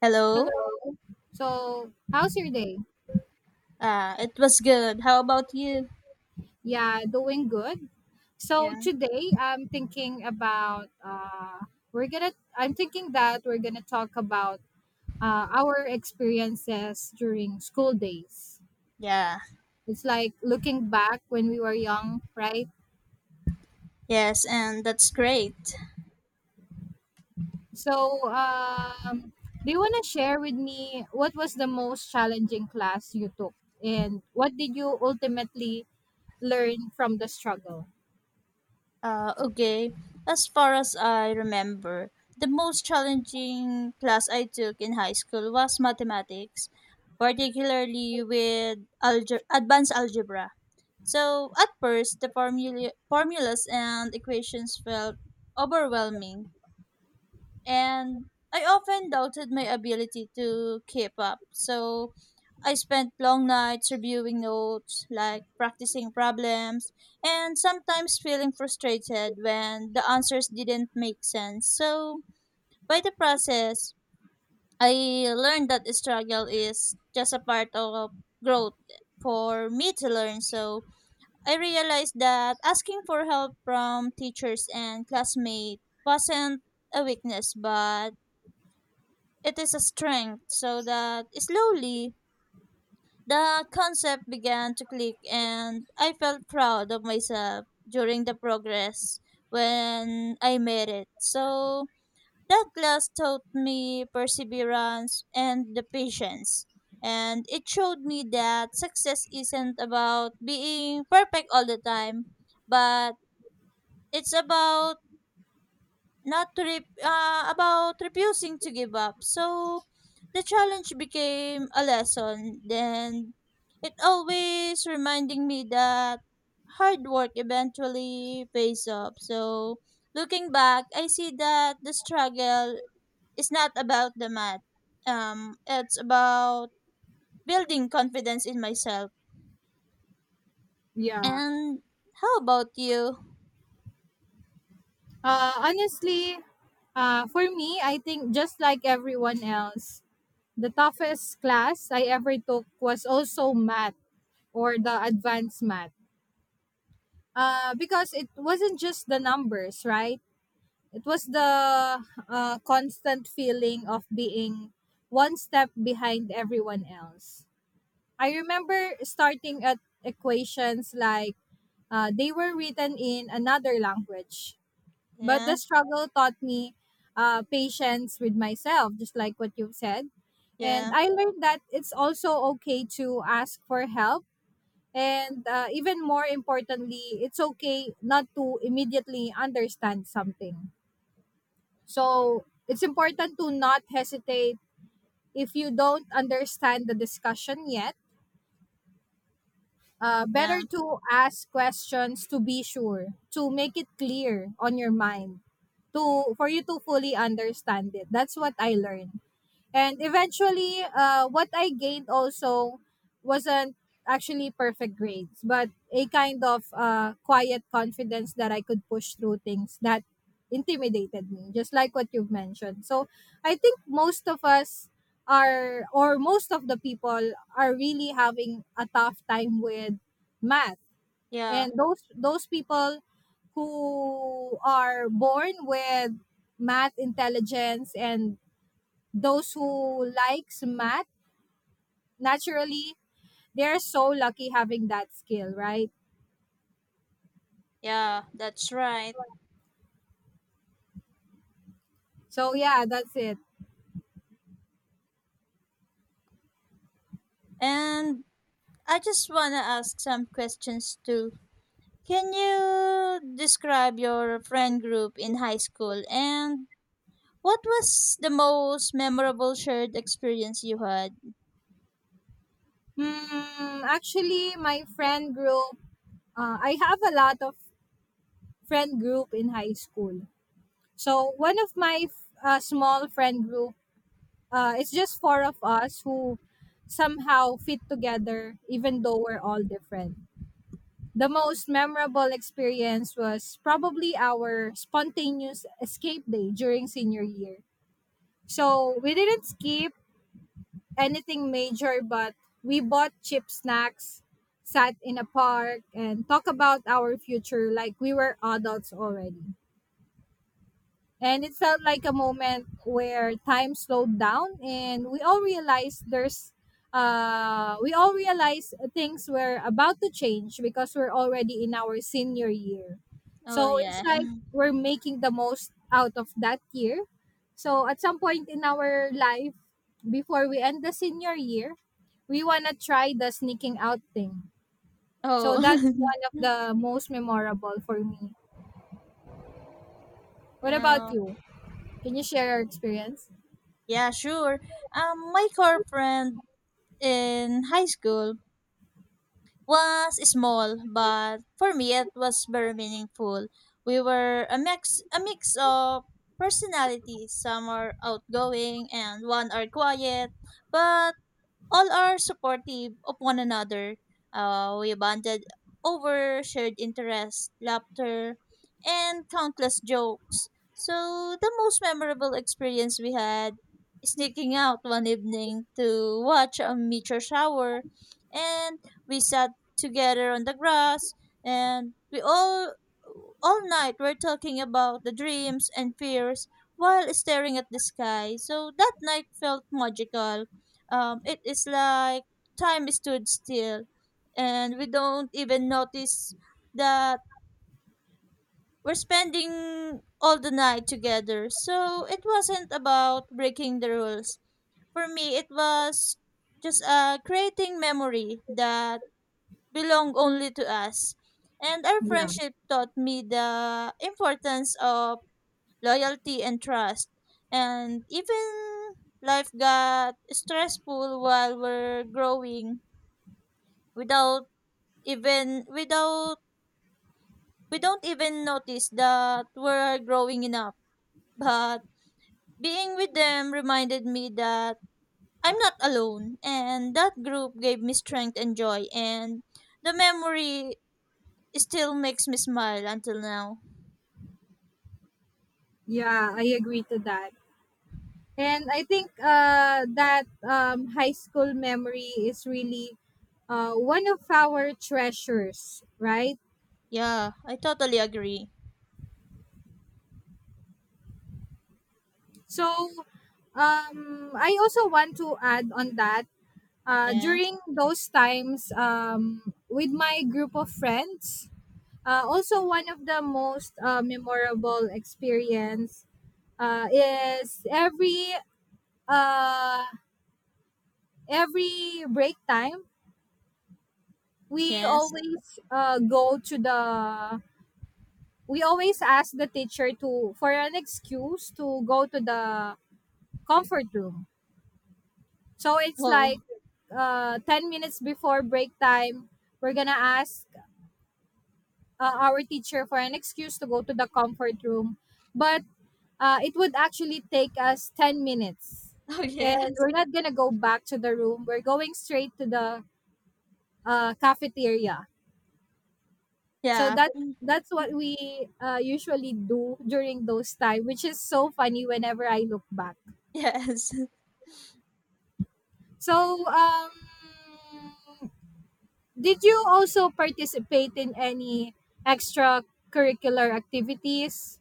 Hello. Hello. So, how's your day? It was good. How about you? Yeah, doing good. So Yeah. today I'm thinking about we're gonna I'm thinking that we're gonna talk about our experiences during school days. Yeah. It's like looking back when we were young, right? Yes, and that's great. So do you wanna share with me what was the most challenging class you took and what did you ultimately learn from the struggle? Okay. As far as I remember, the most challenging class I took in high school was mathematics, particularly with advanced algebra. So, at first, the formulas and equations felt overwhelming, and I often doubted my ability to keep up. So I spent long nights reviewing notes, like practicing problems, and sometimes feeling frustrated when the answers didn't make sense. So by the process, I learned that struggle is just a part of growth for me to learn. So I realized that asking for help from teachers and classmates wasn't a weakness, but it is a strength so that slowly the concept began to click and I felt proud of myself during the progress when I made it. So that class taught me perseverance and the patience and it showed me that success isn't about being perfect all the time but it's about not to re- about refusing to give up. So the challenge became a lesson. Then it always reminding me that hard work eventually pays off. So looking back, I see that the struggle is not about the math. It's about building confidence in myself. Yeah. And how about you? Honestly, for me, I think just like everyone else, the toughest class I ever took was also math or the advanced math. Because it wasn't just the numbers, right? It was the constant feeling of being one step behind everyone else. I remember starting at equations like they were written in another language, but the Yeah, struggle taught me patience with myself, just like what you've said. And yeah, I learned that it's also okay to ask for help. And even more importantly, it's okay not to immediately understand something. So it's important to not hesitate if you don't understand the discussion yet. Better yeah, to ask questions to be sure, to make it clear on your mind, to for you to fully understand it. That's what I learned. And eventually, what I gained also wasn't actually perfect grades, but a kind of quiet confidence that I could push through things that intimidated me, just like what you've mentioned. So I think most of us or most of the people are really having a tough time with math. yeah, And those people who are born with math intelligence and those who likes math naturally, they're so lucky having that skill, right? yeah. That's right. So yeah, that's it. And I just want to ask some questions too. Can you describe your friend group in high school and what was the most memorable shared experience you had? Actually, my friend group, I have a lot of friend group in high school. So one of my small friend group, it's just four of us who somehow fit together even though we're all different. The most memorable experience was probably our spontaneous escape day during senior year. So we didn't skip anything major, but we bought cheap snacks, sat in a park, and talked about our future like we were adults already. And it felt like a moment where time slowed down and we all realized there's we all realized things were about to change because we're already in our senior year. Oh So it's yeah. like we're making the most out of that year. So at some point in our life, before we end the senior year, we want to try the sneaking out thing. So that's Oh. one of the most memorable for me. What about Yeah, you? Can you share your experience? yeah, sure. My core friend in high school was small, but for me it was very meaningful. We were a mix of personalities. Some are outgoing and one are quiet, but all are supportive of one another. We bonded over shared interests, laughter, and countless jokes. So the most memorable experience we had is sneaking out one evening to watch a meteor shower, and we sat together on the grass, and we all night were talking about the dreams and fears while staring at the sky. So that night felt magical. It is like time stood still and we don't even notice that we're spending all the night together. So it wasn't about breaking the rules. For me it was just creating memory that belong only to us, and our friendship taught me the importance of loyalty and trust. And even life got stressful while we're growing, without without we don't even notice that we're growing enough. But being with them reminded me that I'm not alone, and that group gave me strength and joy, and the memory still makes me smile until now. Yeah, I agree to that. And I think that high school memory is really one of our treasures, right? Yeah, I totally agree. So I also want to add on that Yes. during those times, with my group of friends, also one of the most memorable experience, is every uh, every break time we Yes. always go to the we always ask the teacher to for an excuse to go to the comfort room. So it's like Oh. 10 minutes before break time we're gonna ask our teacher for an excuse to go to the comfort room. But it would actually take us 10 minutes, Oh and yes. we're not gonna go back to the room. We're going straight to the cafeteria. So Yeah. that that's what we usually do during those time, which is so funny whenever I look back. Yes. So did you also participate in any extracurricular activities?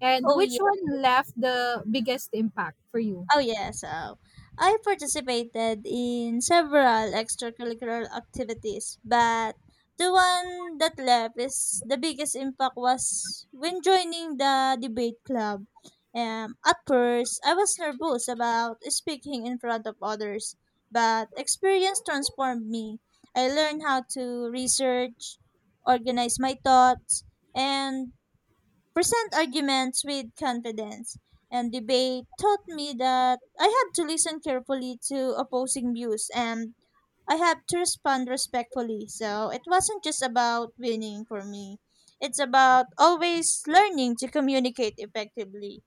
And Oh. which one left the biggest impact for you? Oh yeah, so I participated in several extracurricular activities, but the one that left is the biggest impact was when joining the debate club. At first, I was nervous about speaking in front of others, but experience transformed me. I learned how to research, organize my thoughts, and present arguments with confidence. And debate taught me that I have to listen carefully to opposing views and I have to respond respectfully. So it wasn't just about winning for me, it's about always learning to communicate effectively.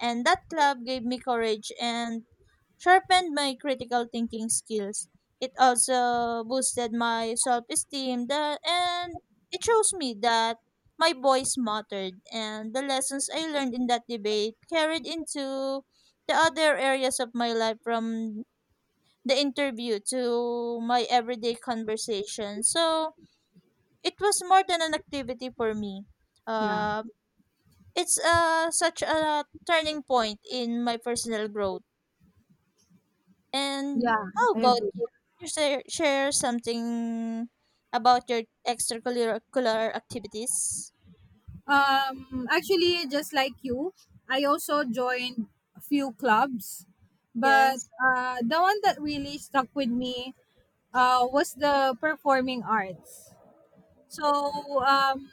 And that club gave me courage and sharpened my critical thinking skills. It also boosted my self esteem that and it shows me that my voice mattered, and the lessons I learned in that debate carried into the other areas of my life from the interview to my everyday conversation. So it was more than an activity for me. Yeah, Uh, it's such a turning point in my personal growth. And yeah, how I about agree. you? You share something about your extracurricular activities? Actually, just like you, I also joined a few clubs, but Yes. The one that really stuck with me, was the performing arts. So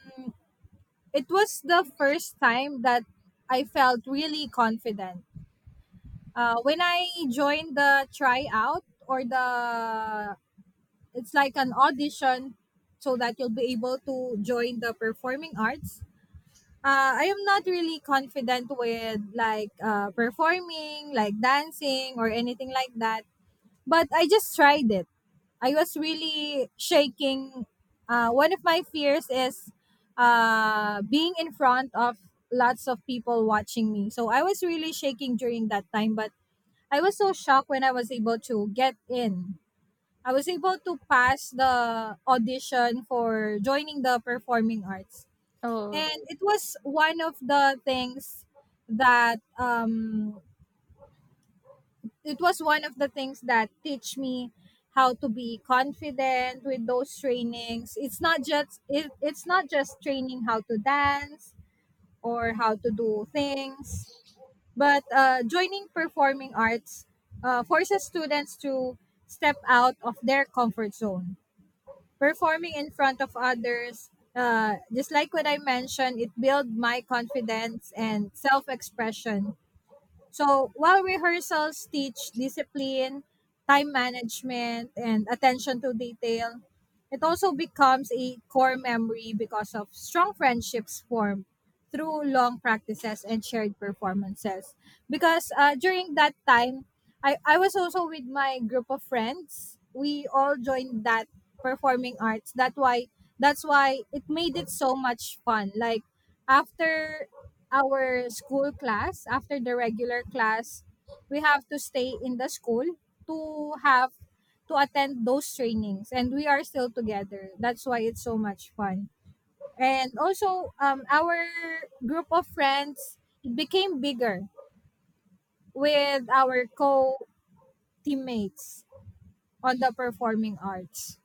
it was the first time that I felt really confident. When I joined the tryout, it's like an audition so that you'll be able to join the performing arts. I am not really confident with like performing, like dancing or anything like that. But I just tried it. I was really shaking. One of my fears is being in front of lots of people watching me. So I was really shaking during that time, but I was so shocked when I was able to get in. I was able to pass the audition for joining the performing arts. Oh, And it was one of the things that it was one of the things that teach me how to be confident with those trainings. It's not just training how to dance or how to do things, but joining performing arts forces students to step out of their comfort zone, performing in front of others. Just like what I mentioned, it built my confidence and self-expression. So while rehearsals teach discipline, time management, and attention to detail, it also becomes a core memory because of strong friendships formed through long practices and shared performances. Because during that time, I was also with my group of friends. We all joined that performing arts. That's why it made it so much fun. Like after our school class after the regular class we have to stay in the school to have to attend those trainings, and we are still together. That's why it's so much fun. And also our group of friends became bigger with our co teammates on the performing arts.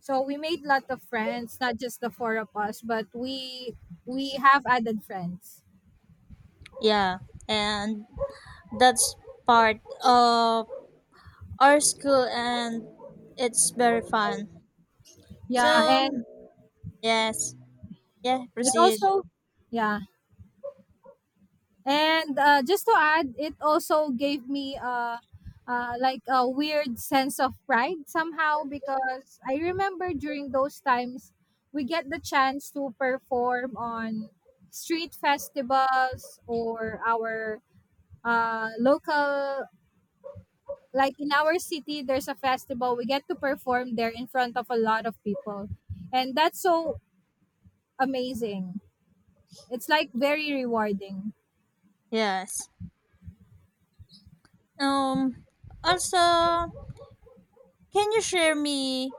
So we made lot of friends, not just the four of us, but we have added friends. yeah. And that's part of our school, and it's very fun. Yeah, So, and yes. Yeah, it proceed. also. Yeah, and just to add, it also gave me like a weird sense of pride somehow, because I remember during those times we get the chance to perform on street festivals or our local, like in our city there's a festival, we get to perform there in front of a lot of people, and that's so amazing. It's like very rewarding. Yes. Um, Also, can you share me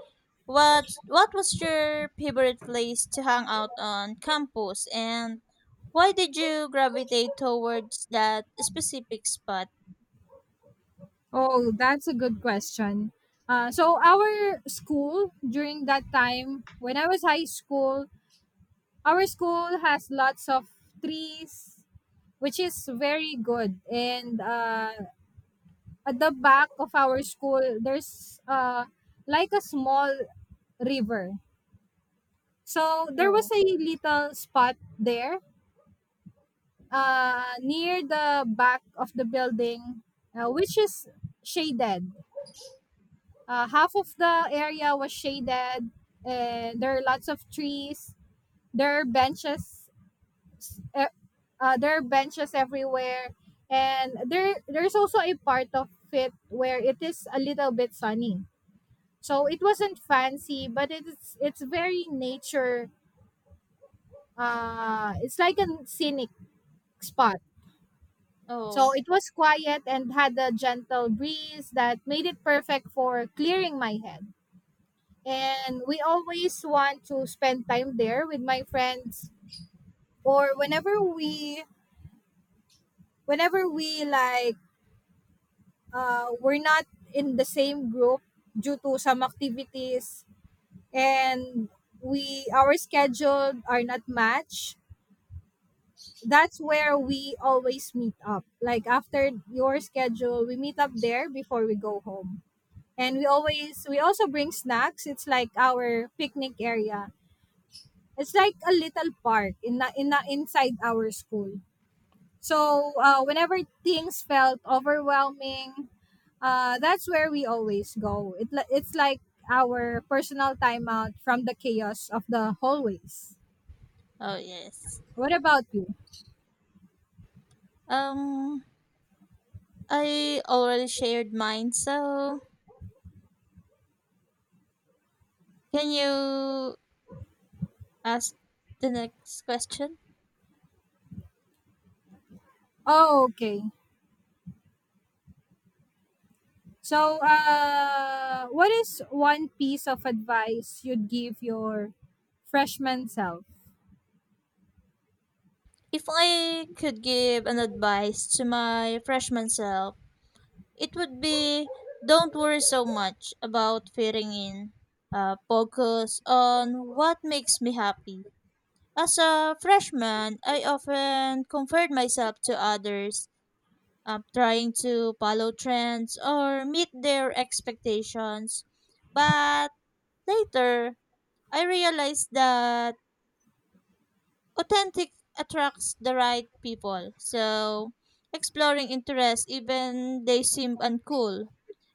what was your favorite place to hang out on campus and why did you gravitate towards that specific spot? Oh, that's a good question. So our school, during that time when I was high school, our school has lots of trees, which is very good. And at the back of our school, there's like a small river. So there was Oh, a little spot there, near the back of the building, which is shaded. Half of the area was shaded, and there are lots of trees. There are benches. Uh, there are benches everywhere, and there's also a part of it where it is a little bit sunny. So it wasn't fancy, but it's very nature. It's like a scenic spot. oh, So it was quiet and had a gentle breeze that made it perfect for clearing my head. And we always want to spend time there with my friends, or whenever we, whenever we like we're not in the same group due to some activities, and we our schedule are not matched. That's where we always meet up, like after your schedule we meet up there before we go home. And we also bring snacks. It's like our picnic area. It's like a little park in the inside our school. So whenever things felt overwhelming, that's where we always go. It's like our personal timeout from the chaos of the hallways. oh yes. What about you? Um I already shared mine, so can you ask the next question? Oh, okay. So, what is one piece of advice you'd give your freshman self? If I could give an advice to my freshman self, it would be don't worry so much about fitting in. Focus on what makes me happy. As a freshman, I often compared myself to others, trying to follow trends or meet their expectations. But later, I realized that authentic attracts the right people. So, exploring interests even they seem uncool,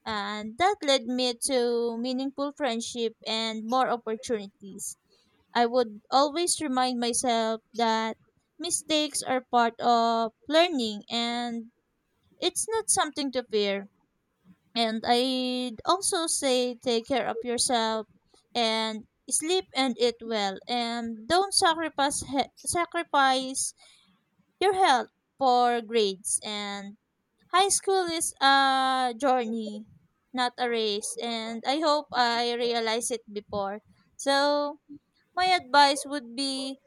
and that led me to meaningful friendship and more opportunities. I would always remind myself that mistakes are part of learning and it's not something to fear. And I'd also say take care of yourself, and sleep and eat well, and don't sacrifice sacrifice your health for grades. And high school is a journey, not a race, and I hope I realized it before. So, my advice would be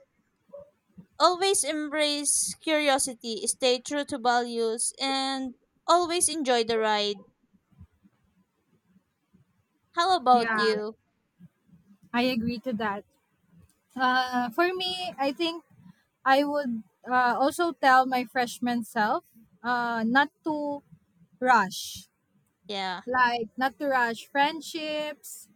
always embrace curiosity, stay true to values, and always enjoy the ride. How about Yeah, you? I agree to that. For me, I think I would also tell my freshman self not to rush, Yeah, like not to rush friendships,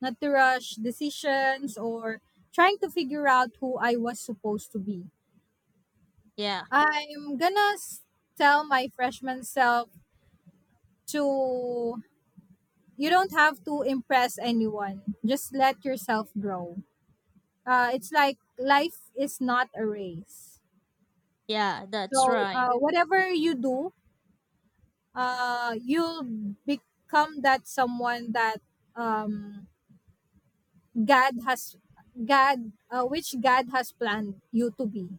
not to rush decisions, or trying to figure out who I was supposed to be. yeah, I'm gonna tell my freshman self to you don't have to impress anyone, just let yourself grow. It's like life is not a race. yeah, that's So, right. Whatever you do, you'll become that someone that um, God has God which God has planned you to be.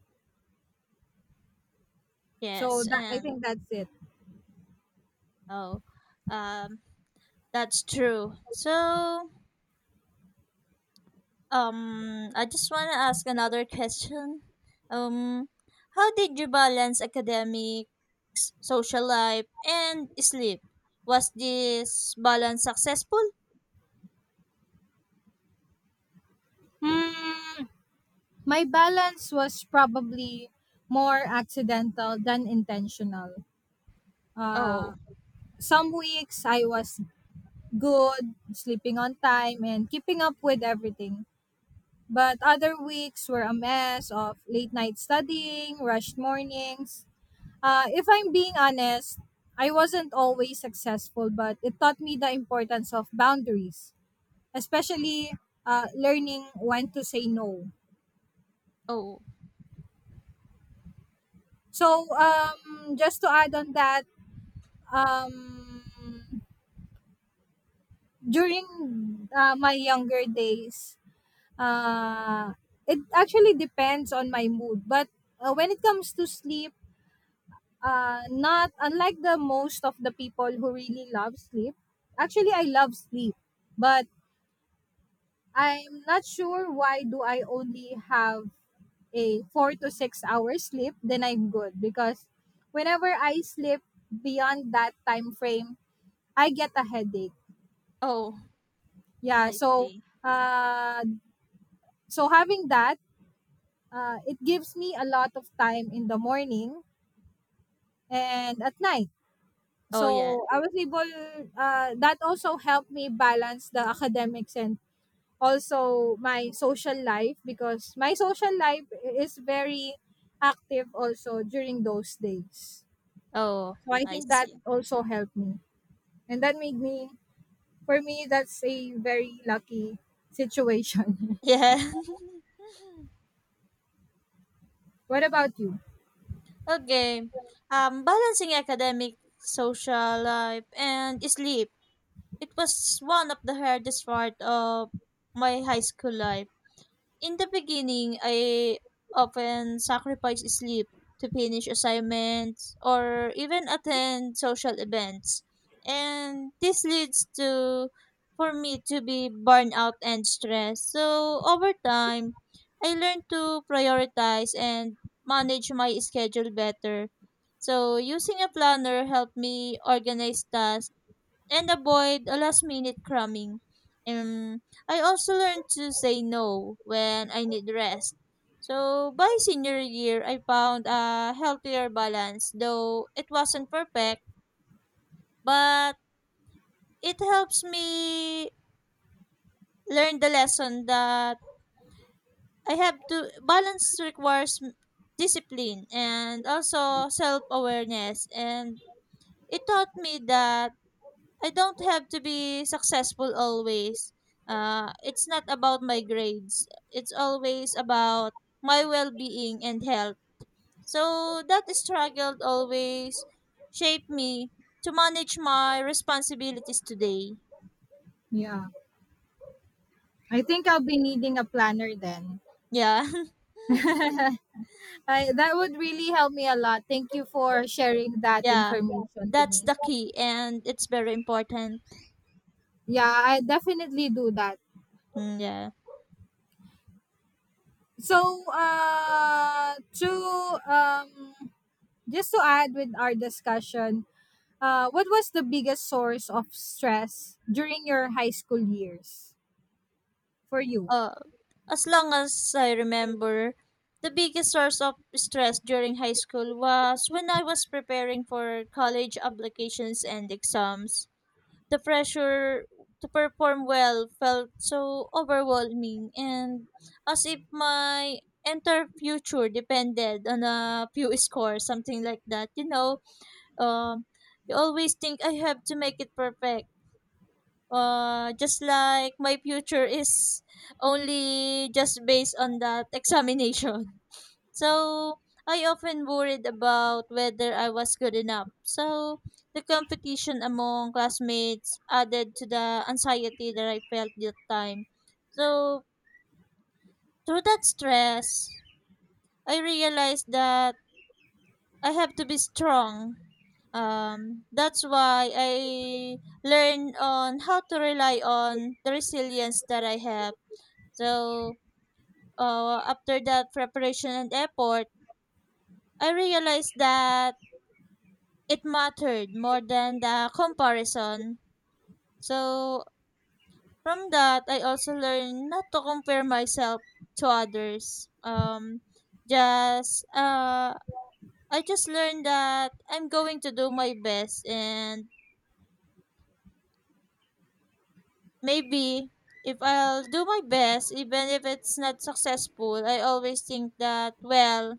So Yes, that, I and think that's it. oh, um, that's true. So, I just want to ask another question. Um, how did you balance academics, social life, and sleep? Was this balance successful? Hmm, my balance was probably more accidental than intentional. Uh, Oh, some weeks I was good, sleeping on time and keeping up with everything. But other weeks were a mess of late night studying, rushed mornings. If I'm being honest, I wasn't always successful, but it taught me the importance of boundaries, especially learning when to say no. oh, So, just to add on that, um, during my younger days, uh, it actually depends on my mood. But when it comes to sleep, not unlike the most of the people who really love sleep, actually, I love sleep. But I'm not sure why do I only have a 4 to 6 hours sleep, then I'm good because whenever I sleep beyond that time frame, I get a headache. oh, Yeah, I so see. uh, so having that, it gives me a lot of time in the morning and at night. Oh, yeah. So I was able. That also helped me balance the academics and also my social life, because my social life is very active also during those days. Oh, So I I think that see. also helped me. And that made me, for me, that's a very lucky situation. Yeah. What about you? Okay. Balancing academic, social life, and sleep. It was one of the hardest part of my high school life. In the beginning, I often sacrificed sleep to finish assignments or even attend social events. And this leads to for me to be burned out and stressed. So over time, I learned to prioritize and manage my schedule better. So using a planner helped me organize tasks and avoid a last minute cramming. Um, I also learned to say no when I need rest. So by senior year, I found a healthier balance, though it wasn't perfect, but it helps me learn the lesson that I have to balance requires discipline and also self awareness. And it taught me that I don't have to be successful always. It's not about my grades. It's always about my well-being and health. So that struggle always shaped me to manage my responsibilities today. Yeah. I think I'll be needing a planner then. Yeah, That would really help me a lot. Thank you for sharing that yeah, information to that's me. the key, and it's very important. Yeah, I definitely do that. Mm, yeah. So, to Just to add with our discussion, what was the biggest source of stress during your high school years for you? Uh, as long as I remember, the biggest source of stress during high school was when I was preparing for college applications and exams. The pressure to perform well felt so overwhelming and as if my entire future depended on a few scores, something like that. Um, you always think I have to make it perfect, just like my future is only just based on that examination. So I often worried about whether I was good enough. So the competition among classmates added to the anxiety that I felt that time. So through that stress, I realized that I have to be strong. That's why I learned on how to rely on the resilience that I have. So after that preparation and effort, I realized that it mattered more than the comparison. So from that, I also learned not to compare myself to others. Just I just learned that I'm going to do my best, and maybe if I'll do my best, even if it's not successful, I always think that well,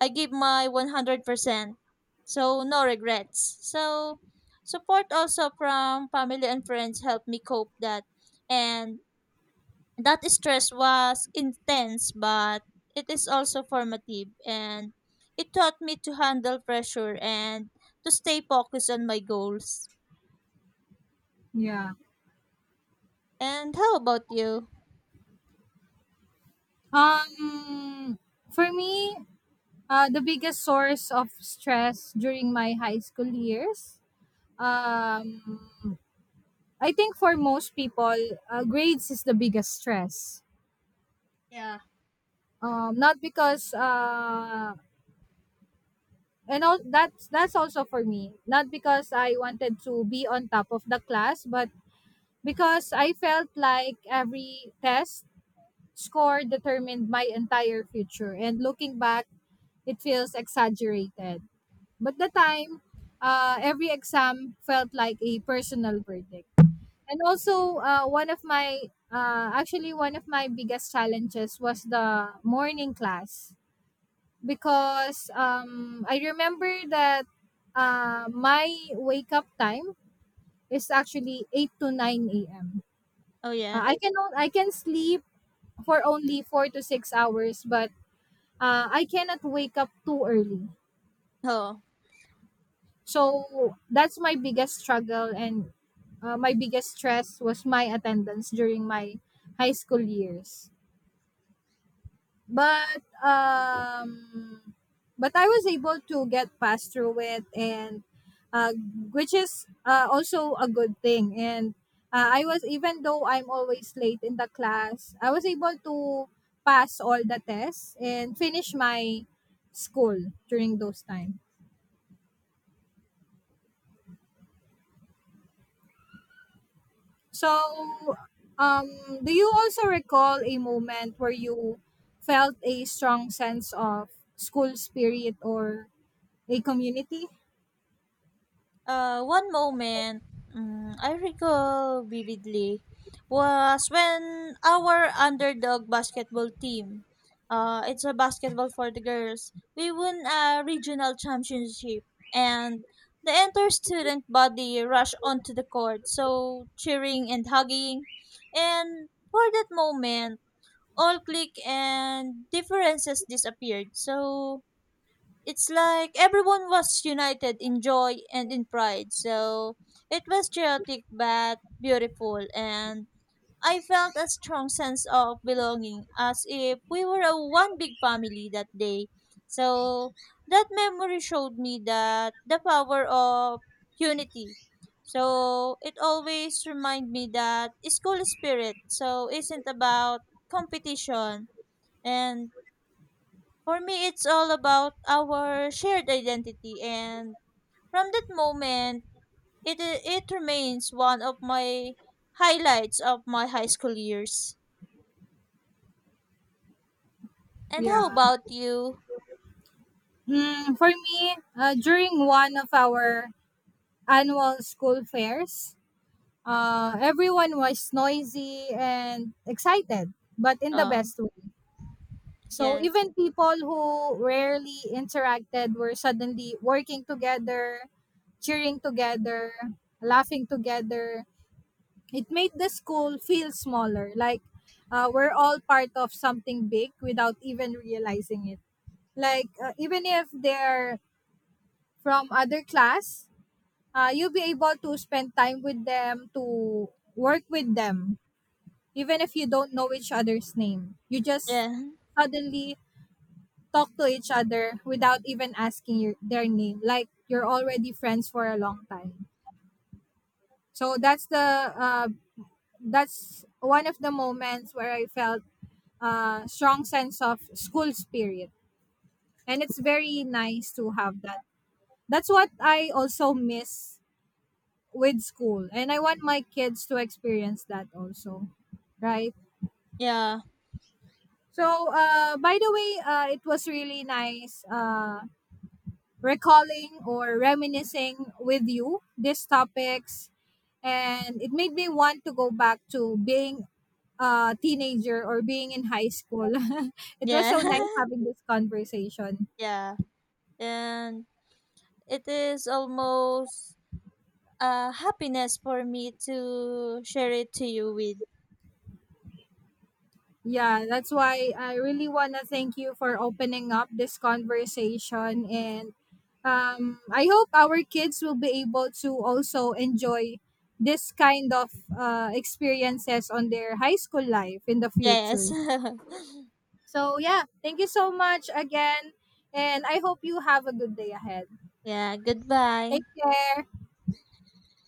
I give my 100%. So no regrets. So support also from family and friends helped me cope that, and that stress was intense but it is also formative, and it taught me to handle pressure and to stay focused on my goals. Yeah. And how about you? Um, for me, the biggest source of stress during my high school years, um, I think for most people, grades is the biggest stress. Not because and all that's also for me. Not because I wanted to be on top of the class, but because I felt like every test score determined my entire future. And looking back, it feels exaggerated. But the time, every exam felt like a personal verdict. And also, one of my actually one of my biggest challenges was the morning class because I remember that my wake up time is actually 8 to 9 a.m. Oh yeah. I can sleep for only 4 to 6 hours, but I cannot wake up too early. Oh. So that's my biggest struggle, and my biggest stress was my attendance during my high school years. but um but I was able to get past through it, and uh, which is also a good thing. And I was, even though I'm always late in the class, I was able to pass all the tests and finish my school during those time. so um do you also recall a moment where you felt a strong sense of school spirit or a community? One moment I recall vividly was when our underdog basketball team, it's a basketball for the girls, we won a regional championship and the entire student body rushed onto the court, so cheering and hugging. And for that moment, all click and differences disappeared. So it's like everyone was united in joy and in pride. So it was chaotic but beautiful, and I felt a strong sense of belonging as if we were a one big family that day. So that memory showed me that the power of unity. So it always remind me that school spirit so isn't about competition, and for me, it's all about our shared identity, and from that moment, it remains one of my highlights of my high school years. And how Yeah. about you? Mm, for me, during one of our annual school fairs, everyone was noisy and excited, but in the Um, best way. So yes, even people who rarely interacted were suddenly working together, cheering together, laughing together. It made the school feel smaller, like we're all part of something big without even realizing it. Like even if they're from other class, you'll be able to spend time with them, to work with them, even if you don't know each other's name. You just yeah, suddenly talk to each other without even asking your, their name, like you're already friends for a long time. So that's the uh, that's one of the moments where I felt a strong sense of school spirit, and it's very nice to have that. That's what I also miss with school, and I want my kids to experience that also, right? yeah, So uh, by the way, uh, it was really nice uh, recalling or reminiscing with you these topics, and it made me want to go back to being a teenager or being in high school. It was yeah, so nice having this conversation. yeah, and it is almost a happiness for me to share it to you with. Yeah, that's why I really want to thank you for opening up this conversation. And I hope our kids will be able to also enjoy this kind of experiences on their high school life in the Yes, future. So, yeah, thank you so much again. And I hope you have a good day ahead. yeah. Goodbye. Take care.